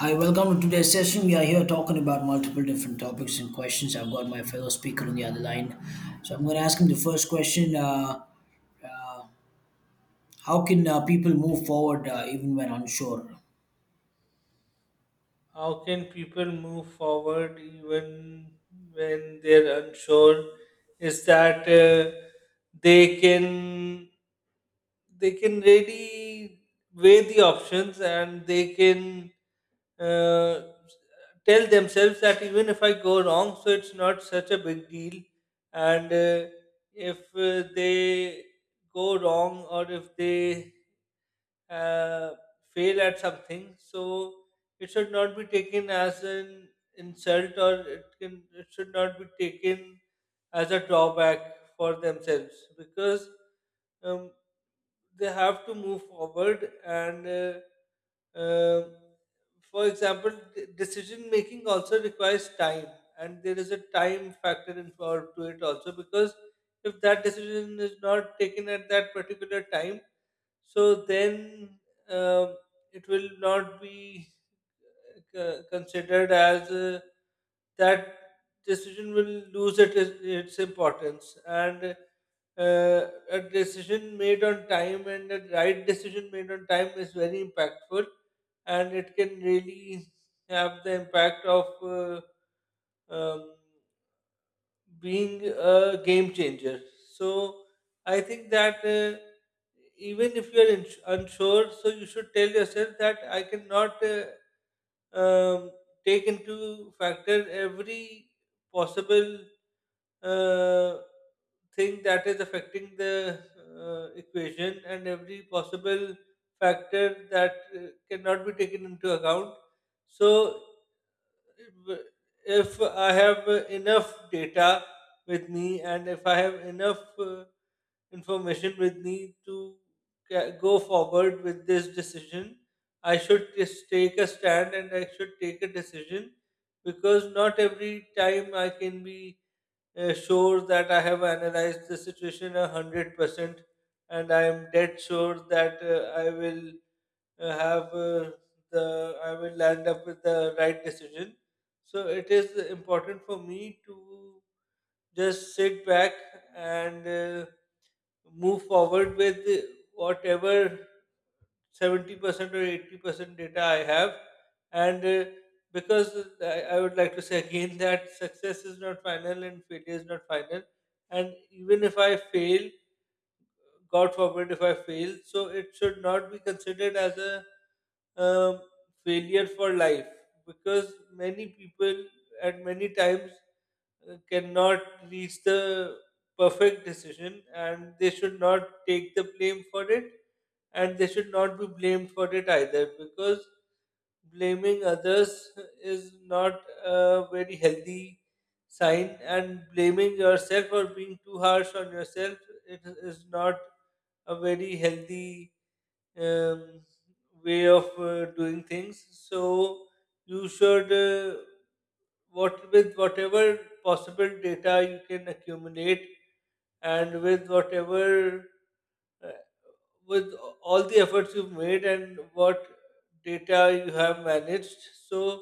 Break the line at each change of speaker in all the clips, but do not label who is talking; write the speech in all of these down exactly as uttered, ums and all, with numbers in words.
Hi, welcome to today's session. We are here talking about multiple different topics and questions. I've got my fellow speaker on the other line. So I'm going to ask him the first question uh, how can uh, people move forward uh, even when unsure?
How can people move forward even when they're unsure? Is that uh, they can they can really weigh the options, and they can uh, tell themselves that even if I go wrong, so it's not such a big deal. And uh, if uh, they go wrong or if they uh, fail at something, so it should not be taken as an insult, or it can it should not be taken as a drawback for themselves because um, they have to move forward and uh, um for example, d- decision making also requires time, and there is a time factor involved to it also, because if that decision is not taken at that particular time, so then um it will not be uh, considered as uh, that. Decision will lose it, its importance. And uh, a decision made on time, and a right decision made on time, is very impactful, and it can really have the impact of uh, um, being a game changer. So I think that uh, even if you're ins- unsure, so you should tell yourself that I cannot uh, um, take into factor every possible uh, thing that is affecting the uh, equation, and every possible factor that uh, cannot be taken into account. So, if if I have uh, enough data with me, and if I have enough uh, information with me to ca- go forward with this decision, I should just take a stand and I should take a decision, because not every time I can be uh, sure that I have analyzed the situation a hundred percent, and I am dead sure that uh, I will uh, have uh, the I will land up with the right decision. So it is important for me to just sit back and uh, move forward with whatever seventy percent or eighty percent data I have. And uh, because I, I would like to say again that success is not final and failure is not final. And even if I fail, God forbid if I fail, so it should not be considered as a um, failure for life, because many people at many times uh, cannot reach the perfect decision, and they should not take the blame for it, and they should not be blamed for it either, because blaming others is not a very healthy sign, and blaming yourself or being too harsh on yourself, it is not a very healthy um, way of uh, doing things. So you should uh, what with whatever possible data you can accumulate, and with whatever uh, with all the efforts you've made and what data you have managed, so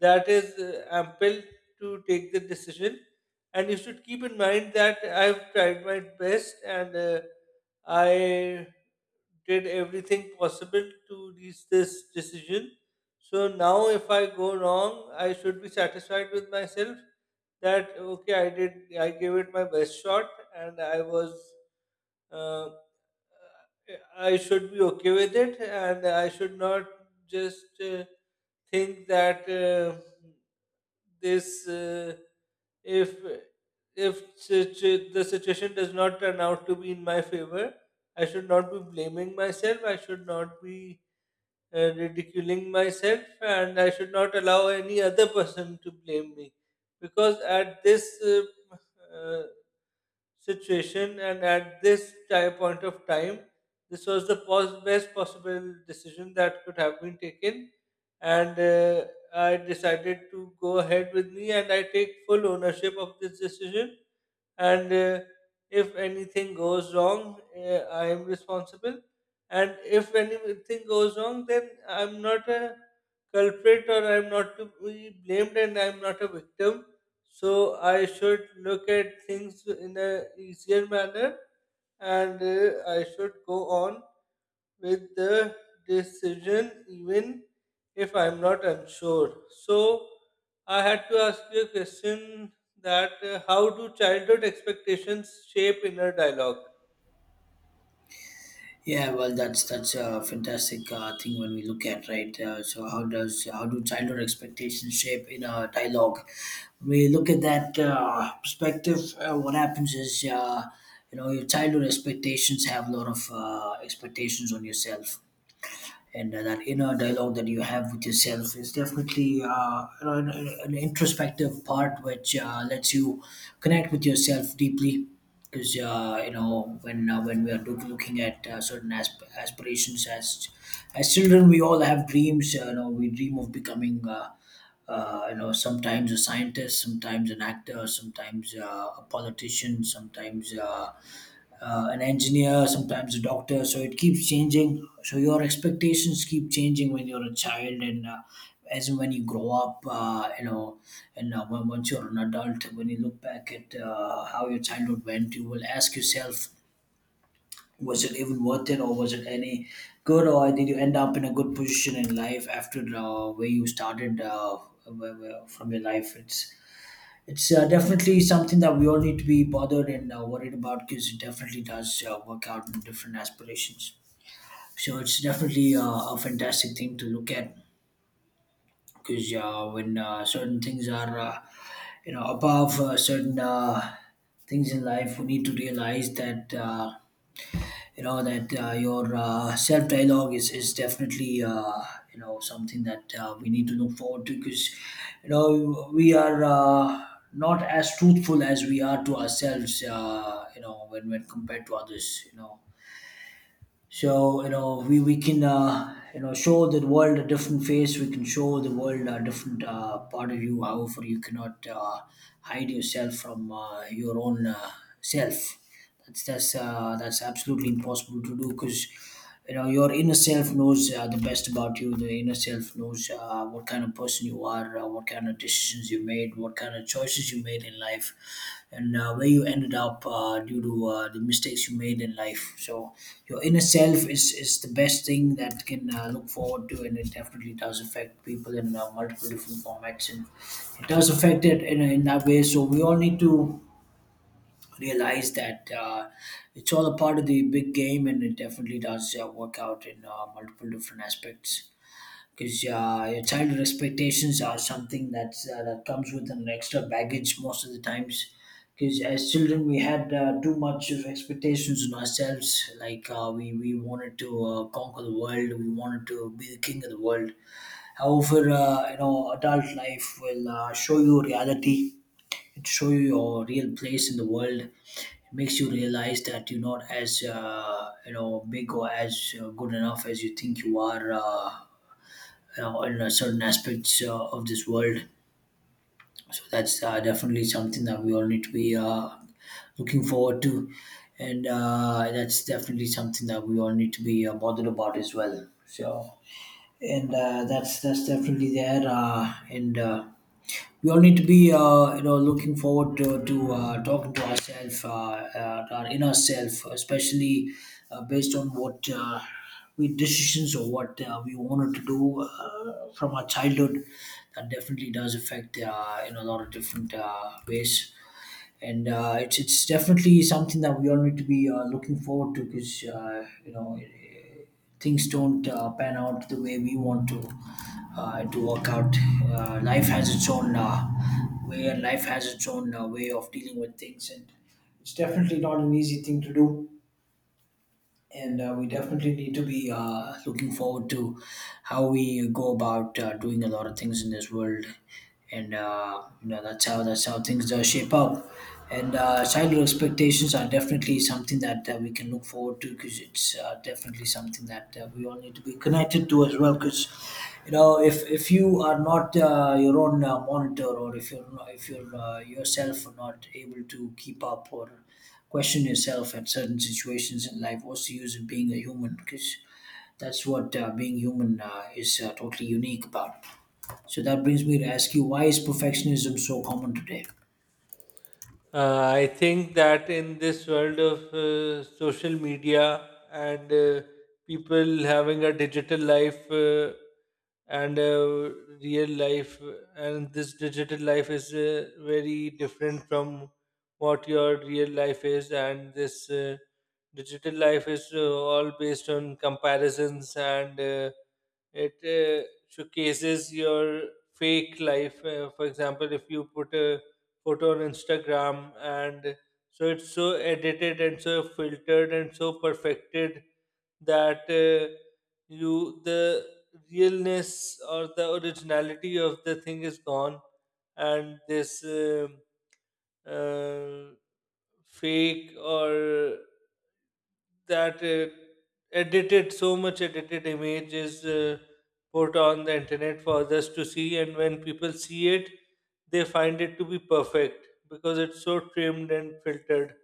that is uh, ample to take the decision. And you should keep in mind that I've tried my best, and uh, I did everything possible to reach this decision. So now, if I go wrong, I should be satisfied with myself that okay, I did, I gave it my best shot, and I was uh, I should be okay with it, and I should not just uh, think that uh, this uh, if if situ- the situation does not turn out to be in my favor, I should not be blaming myself. I should not be uh, ridiculing myself, and I should not allow any other person to blame me, because at this uh, uh, situation, and at this ti- point of time, this was the pos- best possible decision that could have been taken. And uh, I decided to go ahead with me, and I take full ownership of this decision. And uh, if anything goes wrong, uh, I am responsible. And if anything goes wrong, then I'm not a culprit, or I'm not to be blamed, and I'm not a victim. So I should look at things in a easier manner, and uh, I should go on with the decision even if I'm not unsure. So I had to ask you a question that uh, how do childhood expectations shape inner dialogue?
Yeah, well, that's that's a fantastic uh, thing when we look at, right. Uh, so how does how do childhood expectations shape in a dialogue? We look at that uh, perspective. Uh, what happens is uh, you know, your childhood expectations have a lot of uh, expectations on yourself, and uh, that inner dialogue that you have with yourself is definitely uh, you know, an, an introspective part which uh, lets you connect with yourself deeply, because uh, you know, when uh, when we are look- looking at uh, certain asp- aspirations. as as children, we all have dreams. Uh, you know, we dream of becoming uh, uh, you know, sometimes a scientist, sometimes an actor, sometimes uh, a politician, sometimes uh, uh, an engineer, sometimes a doctor. So it keeps changing. So your expectations keep changing when you're a child, and uh, as and when you grow up, uh, you know, and uh, when, once you're an adult, when you look back at uh, how your childhood went, you will ask yourself, was it even worth it, or was it any good, or did you end up in a good position in life after uh, where you started, uh, where- where- from your life? It's it's uh, definitely something that we all need to be bothered and uh, worried about, because it definitely does uh, work out in different aspirations. So it's definitely uh, a fantastic thing to look at, because uh, when uh, certain things are, uh, you know, above uh, certain uh, things in life, we need to realize that. Uh, you know that uh, your uh, self dialogue is is definitely uh, you know, something that uh, we need to look forward to, because you know, we are uh, not as truthful as we are to ourselves, uh, you know, when when compared to others, you know. So you know, we we can uh, you know, show the world a different face. We can show the world a different uh, part of you. However, you cannot uh, hide yourself from uh, your own uh, self. That's that's uh, that's absolutely impossible to do, because you know, your inner self knows uh, the best about you. The inner self knows uh, what kind of person you are, uh, what kind of decisions you made, what kind of choices you made in life, and uh, where you ended up uh, due to uh, the mistakes you made in life. So your inner self is is the best thing that can uh, look forward to, and it definitely does affect people in uh, multiple different formats, and it does affect it in, in that way. So we all need to realize that uh, it's all a part of the big game, and it definitely does uh, work out in uh, multiple different aspects. Because uh, your childhood expectations are something that's uh, that comes with an extra baggage most of the times. Because as children, we had uh, too much of expectations on ourselves. Like uh, we we wanted to uh, conquer the world, we wanted to be the king of the world. However, uh, you know, adult life will uh, show you reality. It show you your real place in the world. It makes you realize that you're not as uh, you know, big or as uh, good enough as you think you are, uh, you know, in uh, certain aspects uh, of this world. So that's uh, definitely something that we all need to be uh, looking forward to, and uh, that's definitely something that we all need to be uh, bothered about as well. So and uh, that's that's definitely there, uh, and uh, we all need to be uh, you know, looking forward to, to uh, talking to ourselves, uh, uh, our inner self especially, uh, based on what uh, we decisions or what uh, we wanted to do uh, from our childhood. That definitely does affect uh, in a lot of different uh, ways, and uh, it's it's definitely something that we all need to be uh, looking forward to, because uh, you know, things don't uh, pan out the way we want to uh, to work out. Uh, life has its own uh, way, and life has its own uh, way of dealing with things, and it's definitely not an easy thing to do, and uh, we definitely need to be uh, looking forward to how we go about uh, doing a lot of things in this world. And uh, you know, that's how that's how things uh, shape up. And uh, childhood expectations are definitely something that uh, we can look forward to, because it's uh, definitely something that uh, we all need to be connected to as well. Because you know, if, if you are not uh, your own uh, monitor, or if you're not, if you're uh, yourself are not able to keep up or question yourself at certain situations in life, what's the use of being a human? Because that's what uh, being human uh, is uh, totally unique about. So that brings me to ask you, why is perfectionism so common today?
Uh, I think that in this world of uh, social media and uh, people having a digital life uh, and a real life, uh, and this digital life is uh, very different from what your real life is, and this uh, digital life is uh, all based on comparisons, and uh, it uh, showcases your fake life. Uh, for example, if you put a photo on Instagram, and so it's so edited and so filtered and so perfected that uh, you the realness or the originality of the thing is gone. And this um uh, fake, or that uh, edited so much edited image is uh, put on the internet for others to see, and when people see it, they find it to be perfect because it's so trimmed and filtered.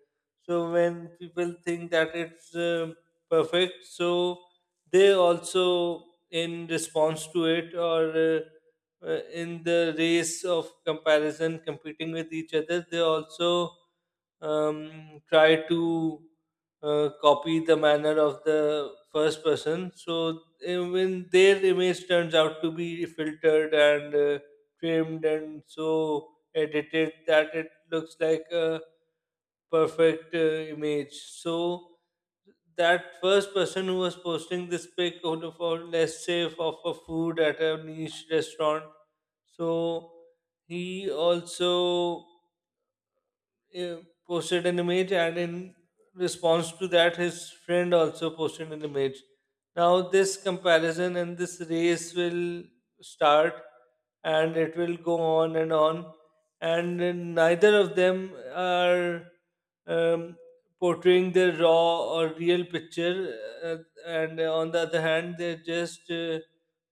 So when people think that it's uh, perfect, so they also, in response to it, or uh, uh, in the race of comparison, competing with each other, they also um, try to uh, copy the manner of the first person. So even their image turns out to be filtered and uh, trimmed and so edited that it looks like a perfect uh, image. So that first person who was posting this pic out of all, let's say of a food at a niche restaurant, so he also uh, posted an image, and in response to that, his friend also posted an image. Now, this comparison and this race will start, and it will go on and on, and neither of them are um, portraying the raw or real picture. uh, and on the other hand, they're just uh,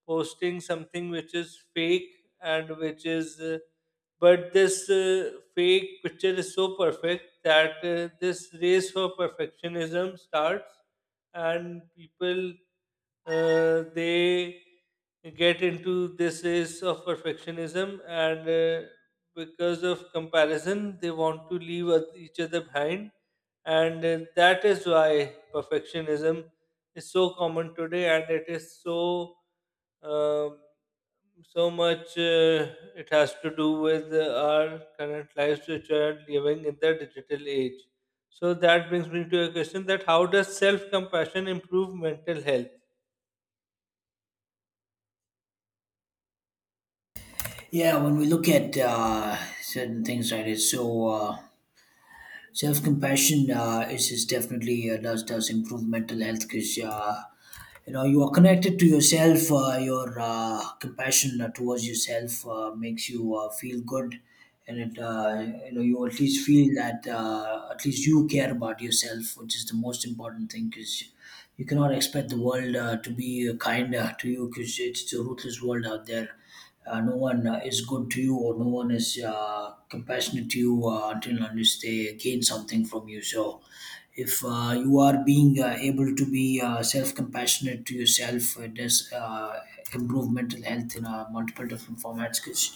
posting something which is fake and which is uh, but this uh, fake picture is so perfect that uh, this race for perfectionism starts. And people uh, they get into this race of perfectionism. And uh, because of comparison, they want to leave oth- each other behind. And uh, that is why perfectionism is so common today, and it is so um, so much uh, it has to do with uh, our current lives, which are living in the digital age. So that brings me to a question, that how does self compassion improve mental health?
Yeah, when we look at uh, certain things, right, it's so. Uh, Self compassion uh, is, is definitely uh, does does improve mental health, because uh, you know, you are connected to yourself. Uh, your uh, compassion uh, towards yourself uh, makes you uh, feel good, and it uh, you know, you at least feel that uh, at least you care about yourself, which is the most important thing. Because you cannot expect the world uh, to be uh, kind uh, to you, because it's a ruthless world out there. Uh, no one uh, is good to you, or no one is uh, compassionate to you uh, until and unless they gain something from you. So, if uh, you are being uh, able to be uh, self-compassionate to yourself, it does uh, improve mental health in uh, multiple different formats, because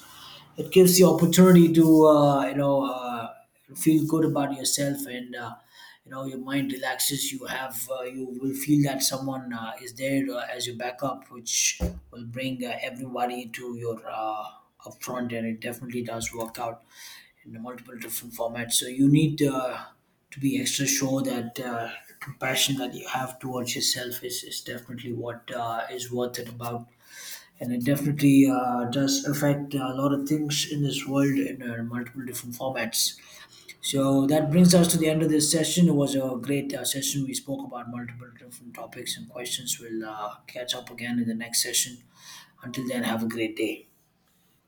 it gives the opportunity to uh, you know. Uh, feel good about yourself, and uh, you know, your mind relaxes. You have uh, you will feel that someone uh, is there uh, as your backup, which will bring uh, everybody to your uh, upfront, and it definitely does work out in multiple different formats. So you need uh, to be extra sure that uh, compassion that you have towards yourself is, is definitely what uh, is worth it about, and it definitely uh, does affect a lot of things in this world in uh, multiple different formats. So that brings us to the end of this session. It was a great uh, session. We spoke about multiple different topics and questions. We'll uh, catch up again in the next session. Until then, have a great day.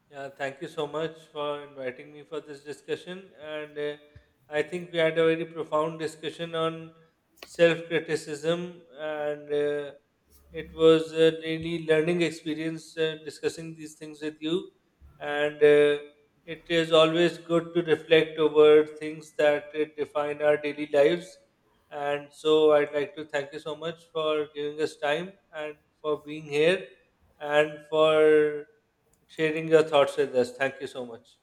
Yeah, thank you so much for inviting me for this discussion. And uh, I think we had a very profound discussion on self criticism, and uh, it was a really learning experience uh, discussing these things with you. And uh, it is always good to reflect over things that uh, define our daily lives. And so I'd like to thank you so much for giving us time, and for being here, and for sharing your thoughts with us. Thank you so much.